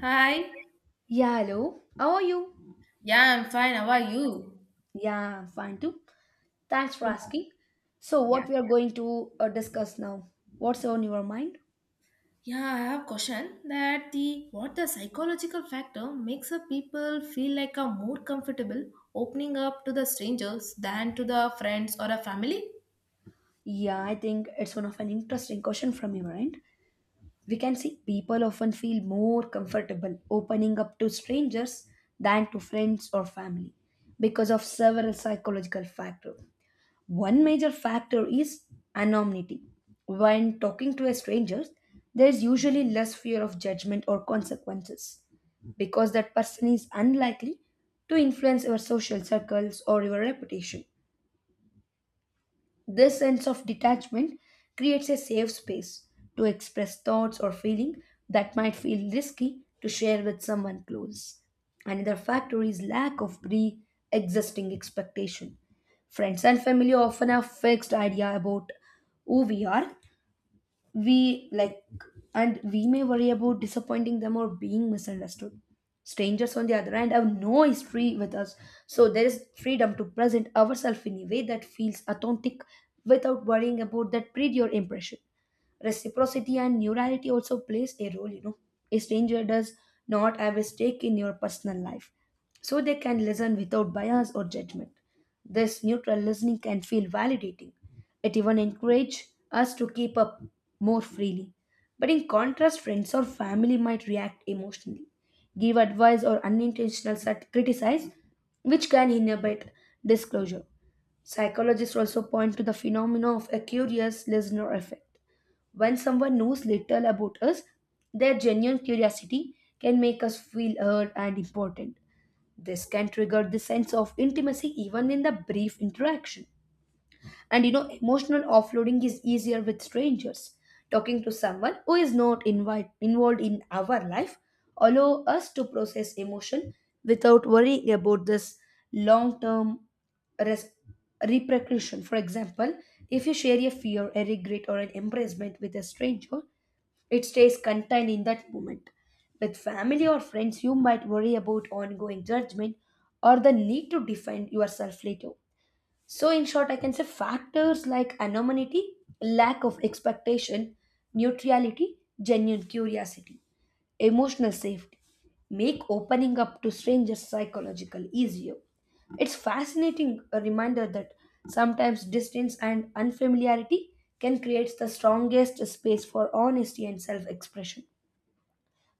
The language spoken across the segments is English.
Hi. Yeah, hello. How are you? Yeah, I'm fine. How are you? Yeah, I'm fine too. Thanks for Yeah. asking. So, Yeah, what we are going to discuss now? What's on your mind? Yeah, I have a question that the what the psychological factor makes a people feel like a more comfortable opening up to the strangers than to the friends or a family? Yeah, I think it's one of an interesting question from your end. We can see people often feel more comfortable opening up to strangers than to friends or family because of several psychological factors. One major factor is anonymity. When talking to a stranger, there is usually less fear of judgment or consequences because that person is unlikely to influence your social circles or your reputation. This sense of detachment creates a safe space to express thoughts or feeling that might feel risky to share with someone close. Another factor is lack of pre-existing expectation. Friends and family often have fixed idea about who we are, we like, and we may worry about disappointing them or being misunderstood. Strangers, on the other hand, have no history with us, so there is freedom to present ourselves in a way that feels authentic without worrying about that prior impression. Reciprocity and neurality also plays a role, you know. A stranger does not have a stake in your personal life, so they can listen without bias or judgment. This neutral listening can feel validating. It even encourages us to keep up more freely. But in contrast, friends or family might react emotionally, give advice or criticize, which can inhibit disclosure. Psychologists also point to the phenomena of a curious listener effect. When someone knows little about us, their genuine curiosity can make us feel heard and important. This can trigger the sense of intimacy even in the brief interaction. And you know, emotional offloading is easier with strangers. Talking to someone who is not invite, involved in our life allow us to process emotion without worrying about this long-term res- repercussion. For example, if you share a fear, a regret, or an embarrassment with a stranger, it stays contained in that moment. With family or friends, you might worry about ongoing judgment or the need to defend yourself later. So, in short, I can say factors like anonymity, lack of expectation, neutrality, genuine curiosity, emotional safety make opening up to strangers psychological easier. It's fascinating a reminder that sometimes distance and unfamiliarity can create the strongest space for honesty and self expression.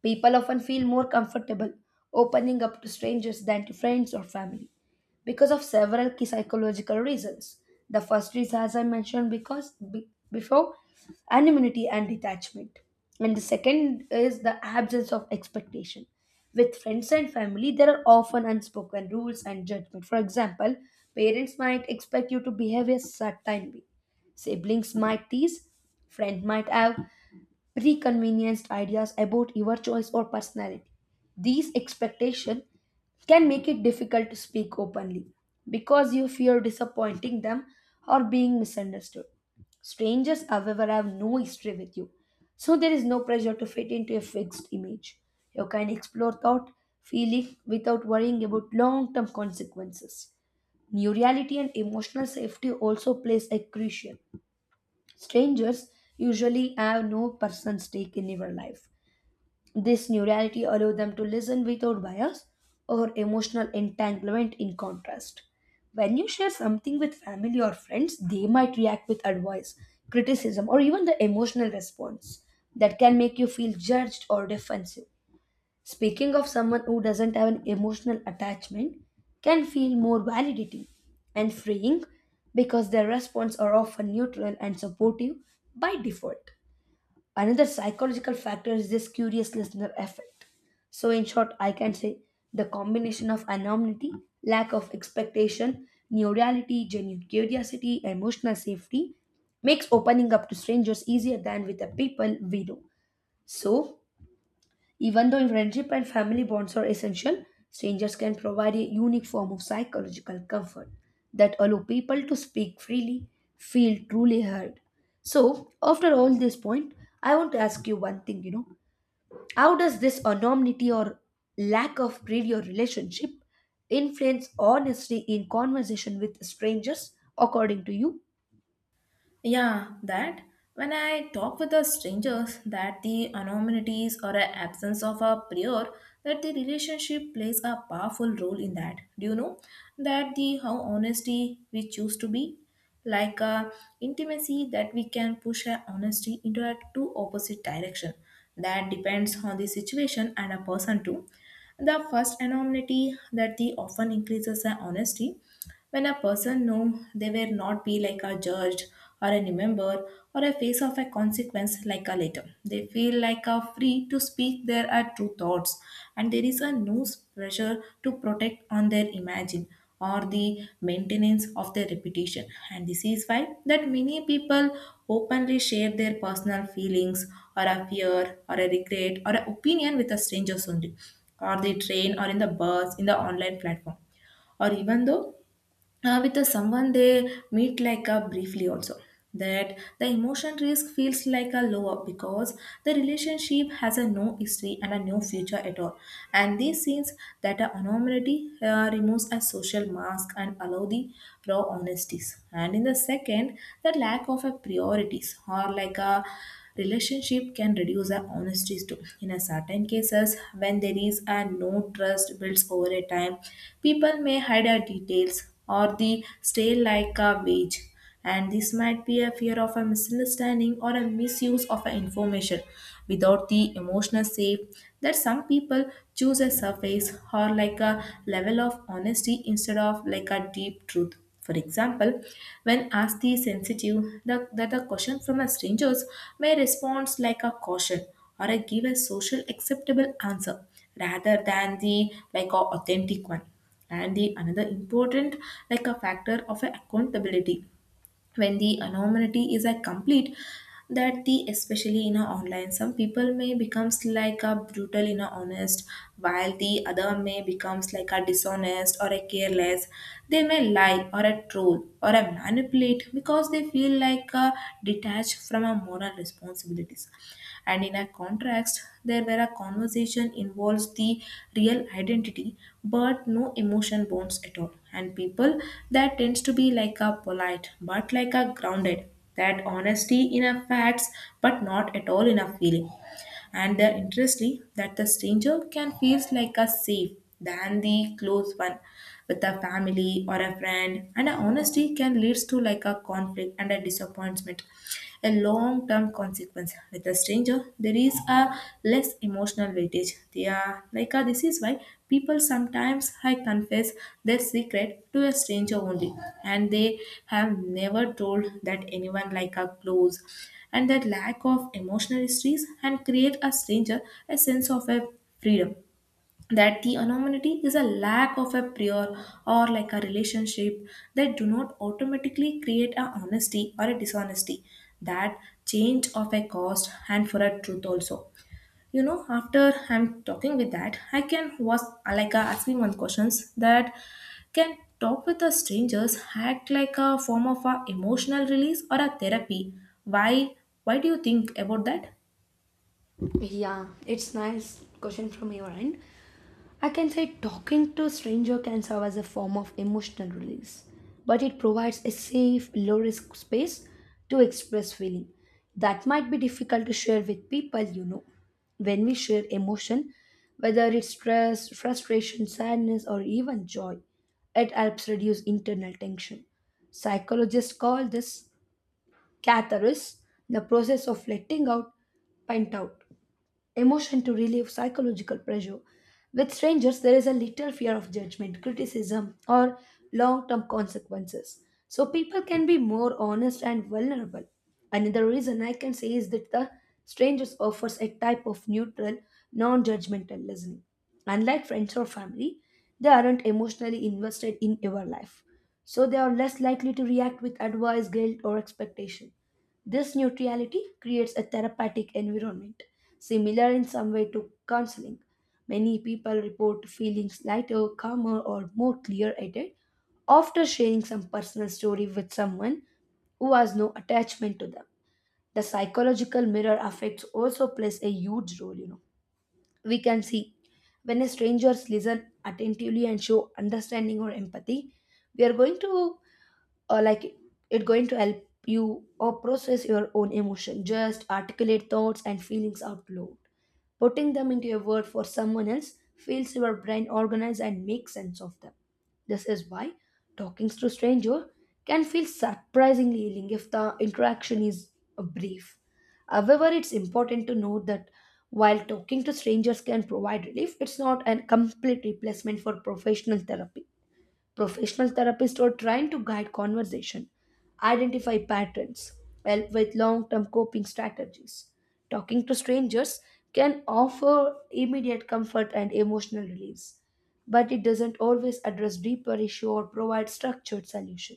People often feel more comfortable opening up to strangers than to friends or family because of several key psychological reasons. The first is, as I mentioned, before anonymity and detachment, and the second is the absence of expectation. With friends and family, there are often unspoken rules and judgment. For example, parents might expect you to behave a certain way, siblings might tease, friend might have preconvenienced ideas about your choice or personality. These expectations can make it difficult to speak openly because you fear disappointing them or being misunderstood. Strangers, however, have no history with you, so there is no pressure to fit into a fixed image. You can explore thought, feeling without worrying about long term consequences. New and emotional safety also plays a crucial. Strangers usually have no personal stake in your life. This new reality allows them to listen without bias or emotional entanglement in contrast. When you share something with family or friends, they might react with advice, criticism, or even the emotional response that can make you feel judged or defensive. Speaking of someone who doesn't have an emotional attachment can feel more validating and freeing because their response are often neutral and supportive by default. Another psychological factor is this curious listener effect. So, in short, I can say the combination of anonymity, lack of expectation, neurality, genuine curiosity, emotional safety makes opening up to strangers easier than with the people we know. So, even though friendship and family bonds are essential, strangers can provide a unique form of psychological comfort that allow people to speak freely, feel truly heard. So, after all this point, I want to ask you one thing, you know, how does this anonymity or lack of previous relationship influence honesty in conversation with strangers according to you? Yeah, that when I talk with the strangers, that the anonymities or a absence of a prior, that the relationship plays a powerful role in that. Do you know that the how honesty we choose to be, like intimacy that we can push our honesty into a two opposite direction. That depends on the situation and a person too. The first anonymity that the often increases our honesty when a person know they will not be like a judge or a member or a face of a consequence like a letter. They feel like a free to speak their true thoughts and there is a no pressure to protect on their imagine or the maintenance of their reputation, and this is why that many people openly share their personal feelings or a fear or a regret or an opinion with a strangers only or the train or in the bus in the online platform or even though with the someone they meet like a briefly also, that the emotion risk feels like a lower because the relationship has a no history and a no future at all, and this seems that a anonymity removes a social mask and allow the raw honesties, and in the second the lack of a priorities or like a relationship can reduce our honesties too in a certain cases when there is a no trust builds over a time, people may hide our details or the stay like a wage. And this might be a fear of a misunderstanding or a misuse of a information without the emotional safe, that some people choose a surface or like a level of honesty instead of like a deep truth. For example, when asked the sensitive that the question from a strangers may respond like a caution or a give a social acceptable answer rather than the like a authentic one, and the another important like a factor of a accountability when the anonymity is a complete, that the especially in a online some people may becomes like a brutal in a honest while the other may becomes like a dishonest or a careless, they may lie or a troll or a manipulate because they feel like a detached from a moral responsibilities, and in a contrast there where a conversation involves the real identity but no emotion bonds at all, and people that tends to be like a polite but like a grounded, that honesty in a facts but not at all in a feeling, and the interesting that the stranger can feels like a safe than the close one with a family or a friend, and a honesty can leads to like a conflict and a disappointment, a long term consequence. With a stranger, there is a less emotional weightage. They are like this is why people sometimes I confess their secret to a stranger only, and they have never told that anyone like a close. And that lack of emotional histories and create a stranger a sense of a freedom, that the anonymity is a lack of a prior or like a relationship that do not automatically create a honesty or a dishonesty, that change of a cost and for a truth also. You know, after I'm talking with that I can was like asking one questions, that can talk with the strangers act like a form of a emotional release or a therapy. Why why do you think about that? Yeah, it's nice question from your end. I can say talking to a stranger can serve as a form of emotional release, but it provides a safe, low risk space to express feeling that might be difficult to share with people you know. When we share emotion, whether it's stress, frustration, sadness, or even joy, it helps reduce internal tension. Psychologists call this catharsis, the process of letting out, pent out emotion to relieve psychological pressure. With strangers, there is a little fear of judgment, criticism, or long term consequences. So people can be more honest and vulnerable. Another reason I can say is that the strangers offers a type of neutral, non judgmental listening. Unlike friends or family, they aren't emotionally invested in your life. So they are less likely to react with advice, guilt, or expectation. This neutrality creates a therapeutic environment, similar in some way to counseling. Many people report feeling lighter, calmer, or more clear headed after sharing some personal story with someone who has no attachment to them. The psychological mirror effect also plays a huge role, you know. We can see when a strangers listen attentively and show understanding or empathy, we are going to or like it going to help you or process your own emotion. Just articulate thoughts and feelings out loud, putting them into a word for someone else feels your brain organize and make sense of them. This is why talking to a stranger can feel surprisingly healing if the interaction is brief. However, it's important to note that while talking to strangers can provide relief, it's not a complete replacement for professional therapy. Professional therapists are trying to guide conversation, identify patterns, help with long term coping strategies. Talking to strangers can offer immediate comfort and emotional release, but it doesn't always address deeper issue or provide structured solution.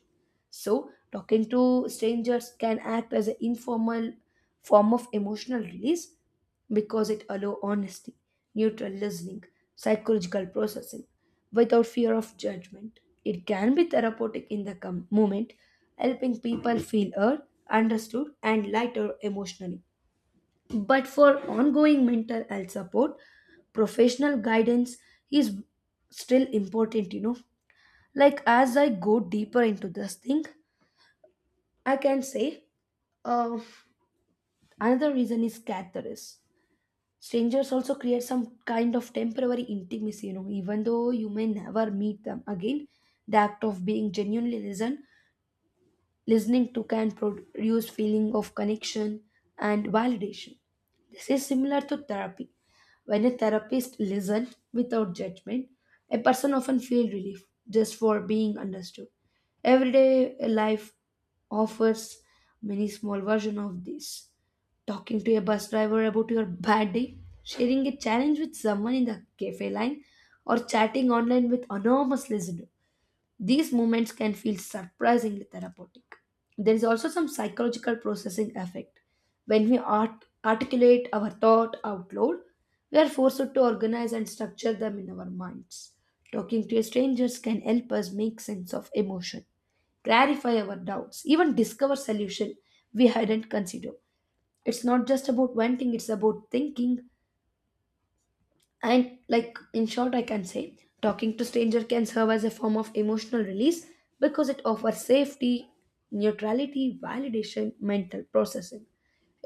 So, talking to strangers can act as an informal form of emotional release because it allows honesty, neutral listening, psychological processing without fear of judgment. It can be therapeutic in the moment, helping people feel heard, understood, and lighter emotionally. But for ongoing mental health support, professional guidance is still important, you know. Like as I go deeper into this thing, I can say uh, another reason is catharsis. Strangers also create some kind of temporary intimacy, you know, even though you may never meet them again. The act of being genuinely listened listening to can produce feeling of connection and validation. This is similar to therapy. When a therapist listens without judgment, a person often feels relief just for being understood. Everyday life offers many small versions of this: talking to a bus driver about your bad day, sharing a challenge with someone in the cafe line, or chatting online with anonymous listener. These moments can feel surprisingly therapeutic. There is also some psychological processing effect. When we articulate our thought out loud, we are forced to organize and structure them in our minds. Talking to strangers can help us make sense of emotion, clarify our doubts, even discover solution we hadn't considered. It's not just about one thing, it's about thinking. And like in short, I can say talking to stranger can serve as a form of emotional release because it offers safety, neutrality, validation, mental processing.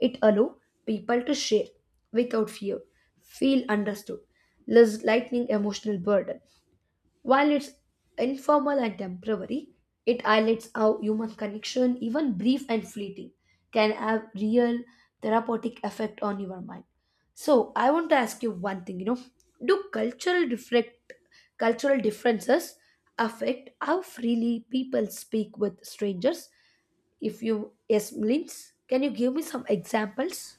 It allows people to share without fear, feel understood, less lightening emotional burden. While it's informal and temporary, it highlights how human connection, even brief and fleeting, can have real therapeutic effect on your mind. So I want to ask you one thing, you know, do cultural reflect cultural differences affect how freely people speak with strangers? If you yes, Linz, can you give me some examples?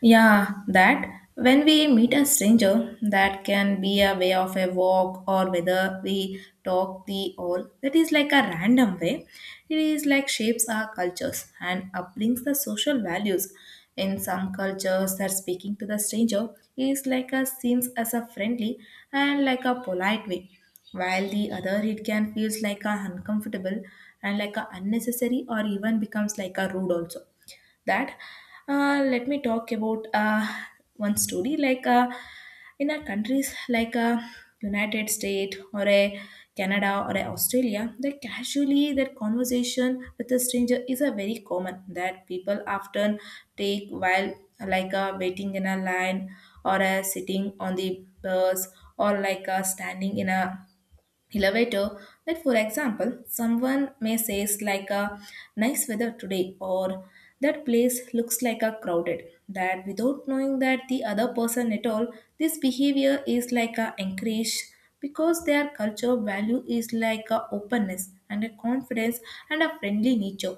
Yeah, that when we meet a stranger, that can be a way of a walk or whether we talk the all. That is like a random way. It is like shapes our cultures and upbrings the social values. In some cultures, that speaking to the stranger is like a seems as a friendly and like a polite way, while the other it can feels like a uncomfortable and like a unnecessary or even becomes like a rude also. That let me talk about one story like in a countries like united states or a canada or a australia, that casually that conversation with a stranger is a very common, that people often take while like waiting in a line or sitting on the bus or like standing in a elevator, that for example someone may say it's like a nice weather today or that place looks like a crowded, that without knowing that the other person at all. This behavior is like a encourage because their culture value is like a openness and a confidence and a friendly nature,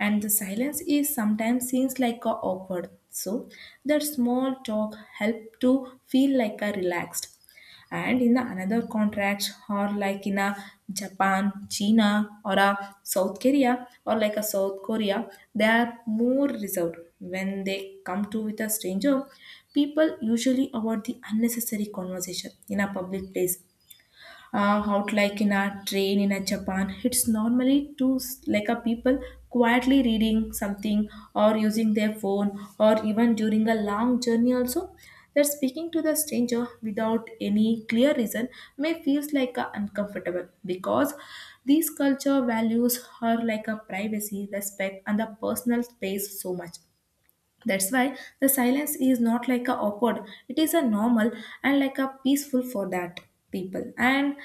and the silence is sometimes seems like a awkward, so that small talk help to feel like a relaxed. And in the another contracts or like in a japan china or a south korea they are more reserved when they come to with a stranger. People usually avoid the unnecessary conversation in a public place out like in a train in a Japan. It's normally to like a people quietly reading something or using their phone or even during a long journey also. That speaking to the stranger without any clear reason may feels like a uncomfortable because these culture values are like a privacy, respect, and the personal space so much. That's why the silence is not like a awkward, it is a normal and like a peaceful for that people. And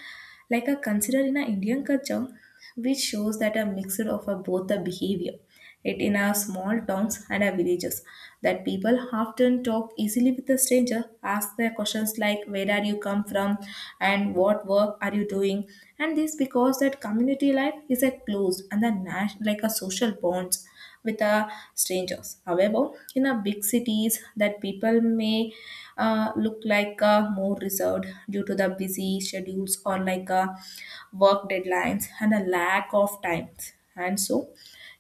like a consider in a Indian culture, which shows that a mixture of a both the behavior, it in our small towns and our villages that people often talk easily with a stranger, ask their questions like where are you come from and what work are you doing, and this because that community life is a close and a like a social bonds with the strangers. However, in a big cities that people may look like more reserved due to the busy schedules or like work deadlines and a lack of time. And so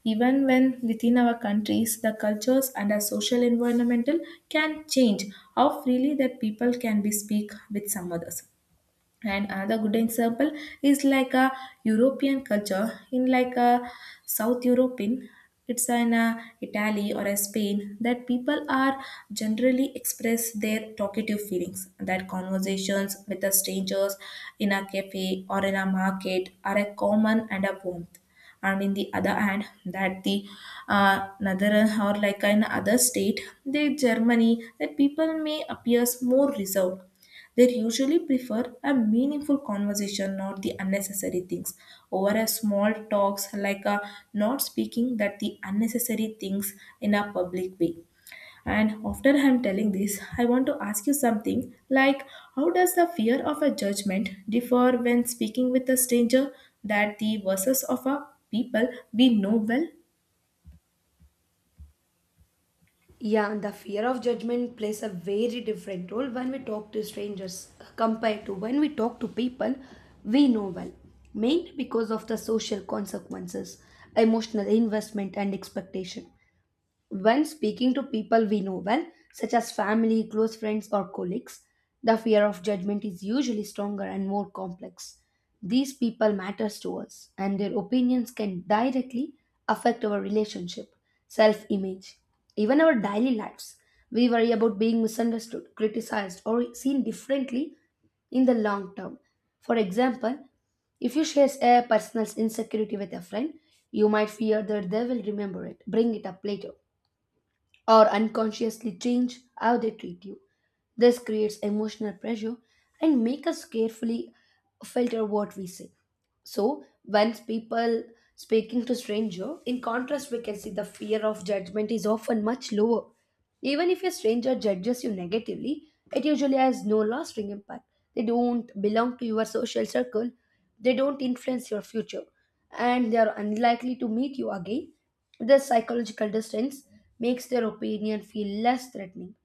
even when within our countries, the cultures and our social environmental can change how freely that people can be speak with some others. And another good example is like a european culture in like a south european, it's in a italy or a spain that people are generally express their talkative feelings, that conversations with the strangers in a cafe or in a market are a common and a warmth. And in the other hand that the another or like in other state the germany, that people may appears more reserved, they usually prefer a meaningful conversation, not the unnecessary things, over a small talks like a not speaking that the unnecessary things in a public way. And after I'm telling this, I want to ask you something like how does the fear of a judgment differ when speaking with a stranger, that the versus of a people we know well? Yeah, and the fear of judgment plays a very different role when we talk to strangers compared to when we talk to people we know well, mainly because of the social consequences, emotional investment, and expectation. When speaking to people we know well, such as family, close friends, or colleagues, the fear of judgment is usually stronger and more complex. These people matters to us, and their opinions can directly affect our relationship, self-image, even our daily lives. We worry about being misunderstood, criticized, or seen differently in the long term. For example, if you share a personal insecurity with a friend, you might fear that they will remember it, bring it up later or unconsciously change how they treat you. This creates emotional pressure and make us carefully filter what we say. So, when people speaking to stranger, in contrast, we can see the fear of judgment is often much lower. Even if a stranger judges you negatively, it usually has no lasting impact. They don't belong to your social circle, they don't influence your future, and they are unlikely to meet you again. This psychological distance makes their opinion feel less threatening.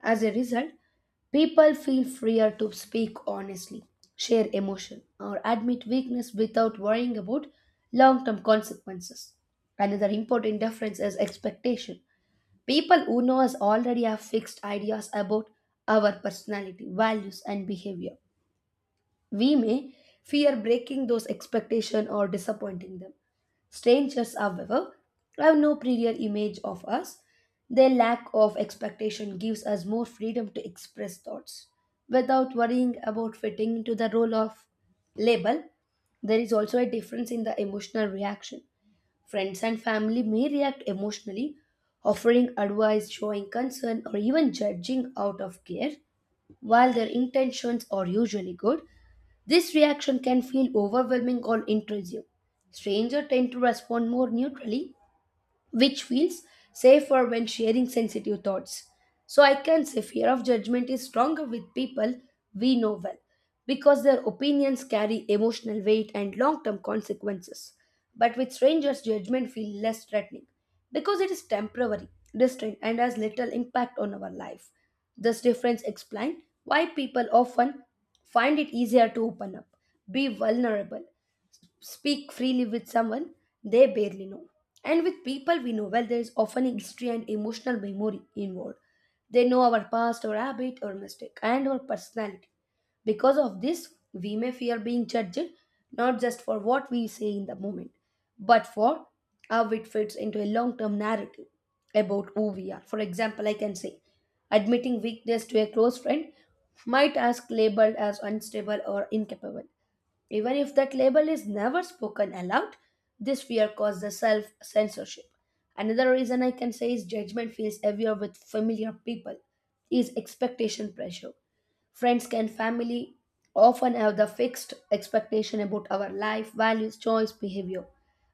As a result, people feel freer to speak honestly, share emotion, or admit weakness without worrying about long term consequences. Another important difference is expectation. People who know us already have fixed ideas about our personality, values, and behavior. We may fear breaking those expectations or disappointing them. Strangers, however, have no prior image of us. Their lack of expectation gives us more freedom to express thoughts without worrying about fitting into the role of label. There is also a difference in the emotional reaction. Friends and family may react emotionally, offering advice, showing concern, or even judging out of care. While their intentions are usually good, this reaction can feel overwhelming or intrusive. Strangers tend to respond more neutrally, which feels safer when sharing sensitive thoughts. So I can say fear of judgment is stronger with people we know well because their opinions carry emotional weight and long term consequences. But with strangers, judgment feels less threatening because it is temporary, distant, and has little impact on our life. This difference explains why people often find it easier to open up, be vulnerable, speak freely with someone they barely know. And with people we know well, there is often history and emotional memory involved. They know our past, our habit, our mistake, and our personality. Because of this, we may fear being judged not just for what we say in the moment, but for how it fits into a long term narrative about who we are. For example, I can say admitting weakness to a close friend might ask labeled as unstable or incapable. Even if that label is never spoken aloud, this fear causes self censorship. Another reason I can say is judgment feels heavier with familiar people, is expectation pressure. Friends and family often have the fixed expectation about our life, values, choice, behavior.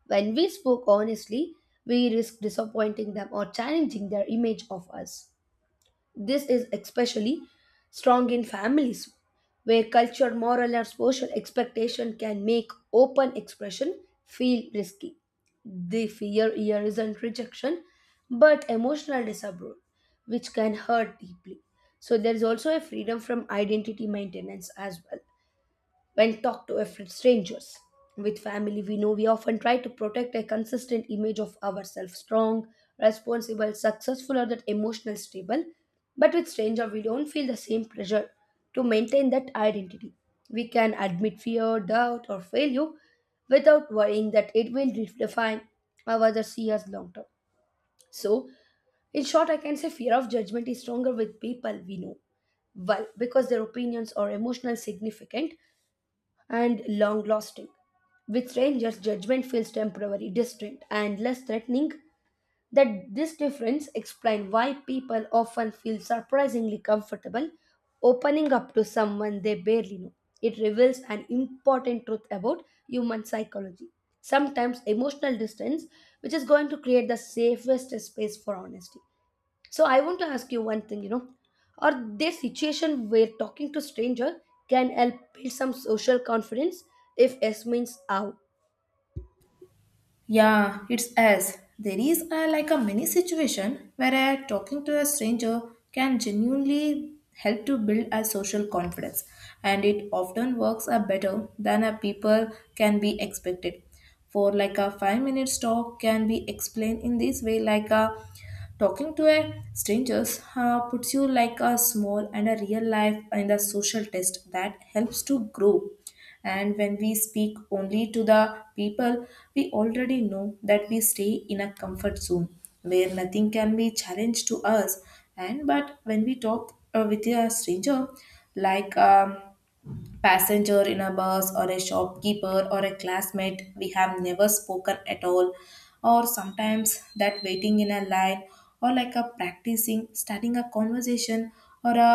When we spoke honestly, we risk disappointing them or challenging their image of us. This is especially strong in families where culture, moral, or social expectation can make open expression feel risky. The fear here isn't rejection but emotional disapproval, which can hurt deeply. So, there is also a freedom from identity maintenance as well when talked to strangers. With family, we know we often try to protect a consistent image of ourselves strong, responsible, successful, or that emotional stable. But with stranger, we don't feel the same pressure to maintain that identity. We can admit fear, doubt, or failure without worrying that it will define how others see us long term. So, in short, I can say fear of judgment is stronger with people we know well because their opinions are emotional significant and long lasting. With strangers, judgment feels temporary, distant, and less threatening. That this difference explains why people often feel surprisingly comfortable opening up to someone they barely know. It reveals an important truth about human psychology. Sometimes emotional distance, which is going to create the safest space for honesty. So I want to ask you one thing, you know, are there situations where talking to stranger can help build some social confidence if S means out? Yeah, it's as there is a, like a mini situation where a, talking to a stranger can genuinely help to build a social confidence, and it often works a better than a people can be expected. For like a 5 minutes talk can be explained in this way, like a talking to a strangers puts you like a small and a real life and a social test that helps to grow. And when we speak only to the people, we already know that we stay in a comfort zone where nothing can be challenged to us. And but when we talk with a stranger, like passenger in a bus or a shopkeeper or a classmate we have never spoken at all, or sometimes that waiting in a line or like a practicing starting a conversation, or a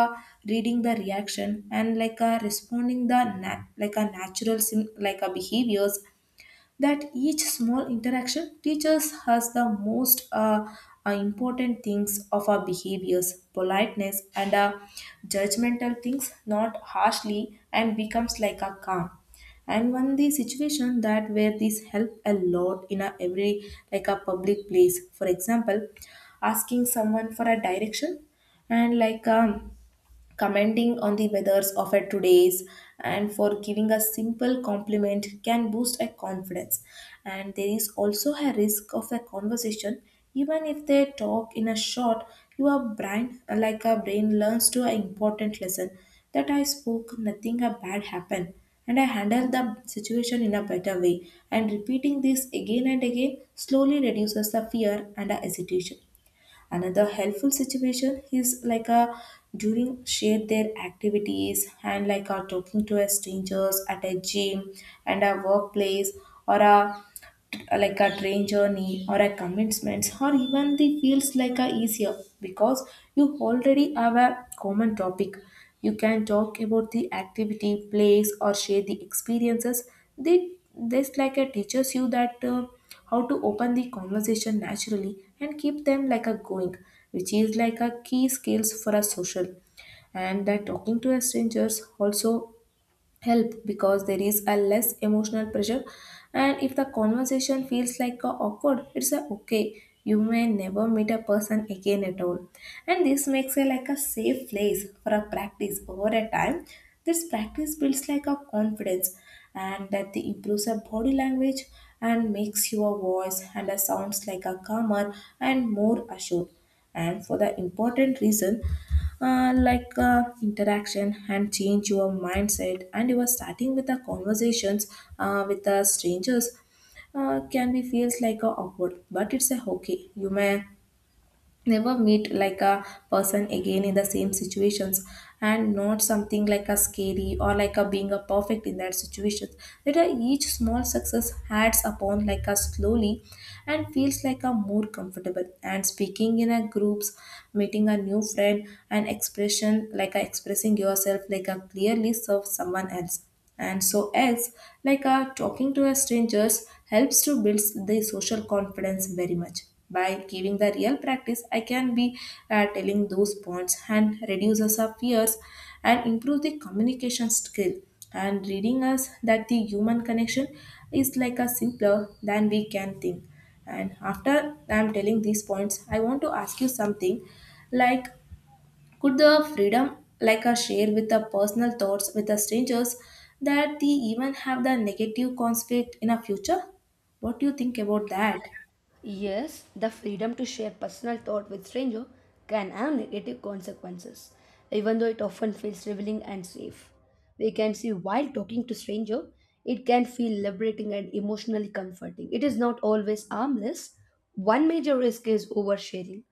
reading the reaction and like a responding the like a natural like a behaviors, that each small interaction teaches us the most important things of our behaviors politeness and judgmental things not harshly and becomes like a calm. And one the situation that where this help a lot in a every like a public place, for example asking someone for a direction and like commenting on the weathers of a today's, and for giving a simple compliment can boost a confidence. And there is also a risk of a conversation, even if they talk in a short, your brain like a brain learns to an important lesson that I spoke nothing a bad happened and I handled the situation in a better way, and repeating this again and again slowly reduces the fear and the hesitation. Another helpful situation is like a during share their activities and like a talking to a strangers at a gym and a workplace or a like a train journey or a commitments or even the feels like a easier, because you already have a common topic, you can talk about the activity place or share the experiences. They this like a teaches you that how to open the conversation naturally and keep them like a going, which is like a key skills for a social. And that talking to a strangers also help because there is a less emotional pressure, and if the conversation feels like a awkward it's a okay, you may never meet a person again at all, and this makes it like a safe place for a practice over a time. This practice builds like a confidence, and that the improves a body language and makes your voice and a sounds like a calmer and more assured. And for the important reason like interaction and change your mindset, and you are starting with the conversations with the strangers can be feels like a awkward, but it's a okay, you may never meet like a person again in the same situations, and not something like a scary or like a being a perfect in that situation. That a each small success adds upon like a slowly and feels like a more comfortable and speaking in a groups, meeting a new friend and expression like a expressing yourself like a clearly serves someone else. And so else like talking to a strangers helps to build the social confidence very much by giving the real practice. I can be telling those points and reduces our fears and improve the communication skill and reading us that the human connection is like a simpler than we can think. And after I'm telling these points I want to ask you something like could the freedom like a share with the personal thoughts with the strangers, that they even have the negative conflict in a future? What do you think about that? Yes, the freedom to share personal thought with stranger can have negative consequences, even though it often feels revealing and safe. We can see while talking to stranger, it can feel liberating and emotionally comforting. It is not always harmless. One major risk is oversharing.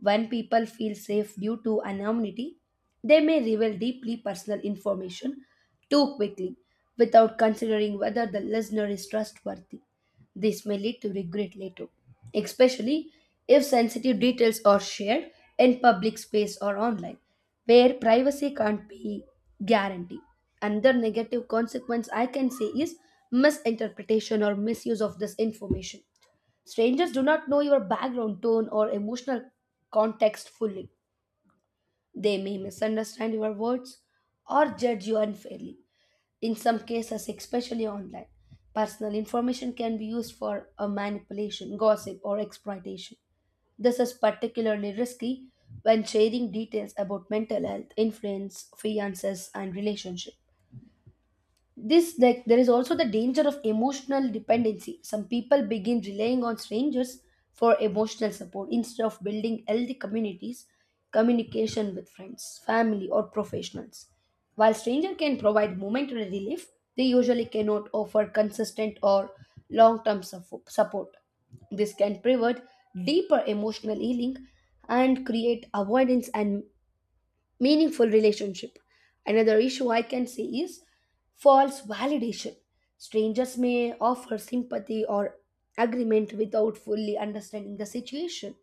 When people feel safe due to anonymity, they may reveal deeply personal information too quickly without considering whether the listener is trustworthy. This may lead to regret later, especially if sensitive details are shared in public space or online, where privacy can't be guaranteed. Another negative consequence I can say is misinterpretation or misuse of this information. Strangers do not know your background, tone, or emotional context fully. They may misunderstand your words or judge you unfairly. In some cases, especially online, personal information can be used for a manipulation, gossip, or exploitation. This is particularly risky when sharing details about mental health, influence, finances, and relationships. This that there is also the danger of emotional dependency. Some people begin relying on strangers for emotional support instead of building healthy communities communication with friends family or professionals. While stranger can provide momentary relief, they usually cannot offer consistent or long-term support. This can prevent deeper emotional healing and create avoidance and meaningful relationship. Another issue I can see is false validation. Strangers may offer sympathy or agreement without fully understanding the situation,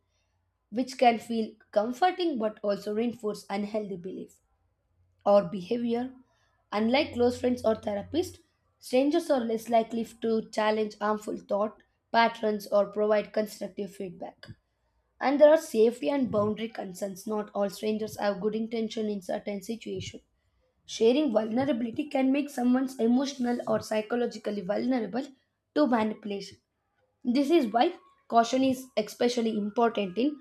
which can feel comforting but also reinforce unhealthy belief or behavior. Unlike close friends or therapists, strangers are less likely to challenge harmful thought patterns or provide constructive feedback. And there are safety and boundary concerns. Not all strangers have good intention in certain situations. Sharing vulnerability can make someone emotional or psychologically vulnerable to manipulation. This is why caution is especially important in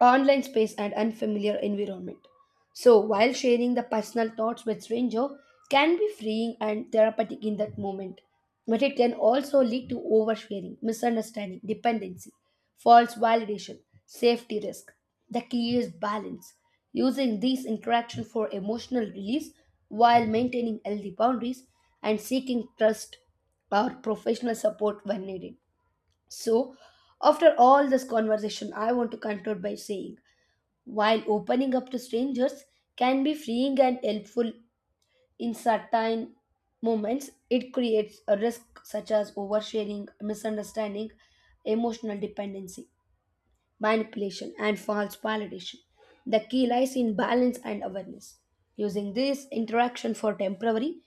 online space and unfamiliar environment. So while sharing the personal thoughts with stranger can be freeing and therapeutic in that moment, but it can also lead to oversharing, misunderstanding, dependency, false validation, safety risk. The key is balance, using these interaction for emotional release while maintaining healthy boundaries and seeking trust or professional support when needed. So, after all this conversation, I want to conclude by saying while opening up to strangers can be freeing and helpful in certain moments, it creates a risk such as oversharing, misunderstanding, emotional dependency, manipulation, and false validation. The key lies in balance and awareness, using this interaction for temporary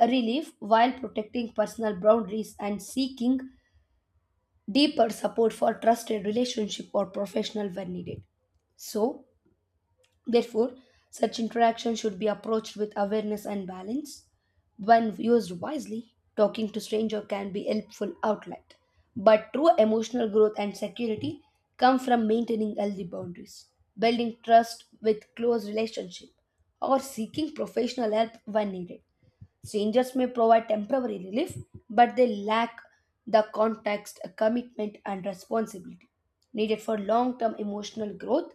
relief while protecting personal boundaries and seeking deeper support for trusted relationship or professional when needed. So, therefore, such interaction should be approached with awareness and balance. When used wisely, talking to stranger can be helpful outlet. But true emotional growth and security come from maintaining healthy boundaries, building trust with close relationship, or seeking professional help when needed. Strangers may provide temporary relief, but they lack the context, commitment, and responsibility needed for long term emotional growth.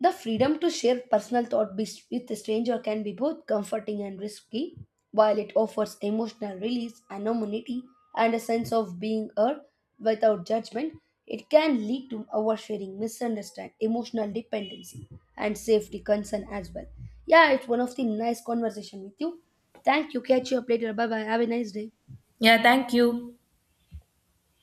The freedom to share personal thought with a stranger can be both comforting and risky, while it offers emotional release, anonymity, and a sense of being heard without judgment. It can lead to oversharing, misunderstanding, emotional dependency, and safety concern as well. Yeah, it's one of the nice conversation with you. Thank you. Catch you up later. Bye bye. Have a nice day. Yeah, thank you.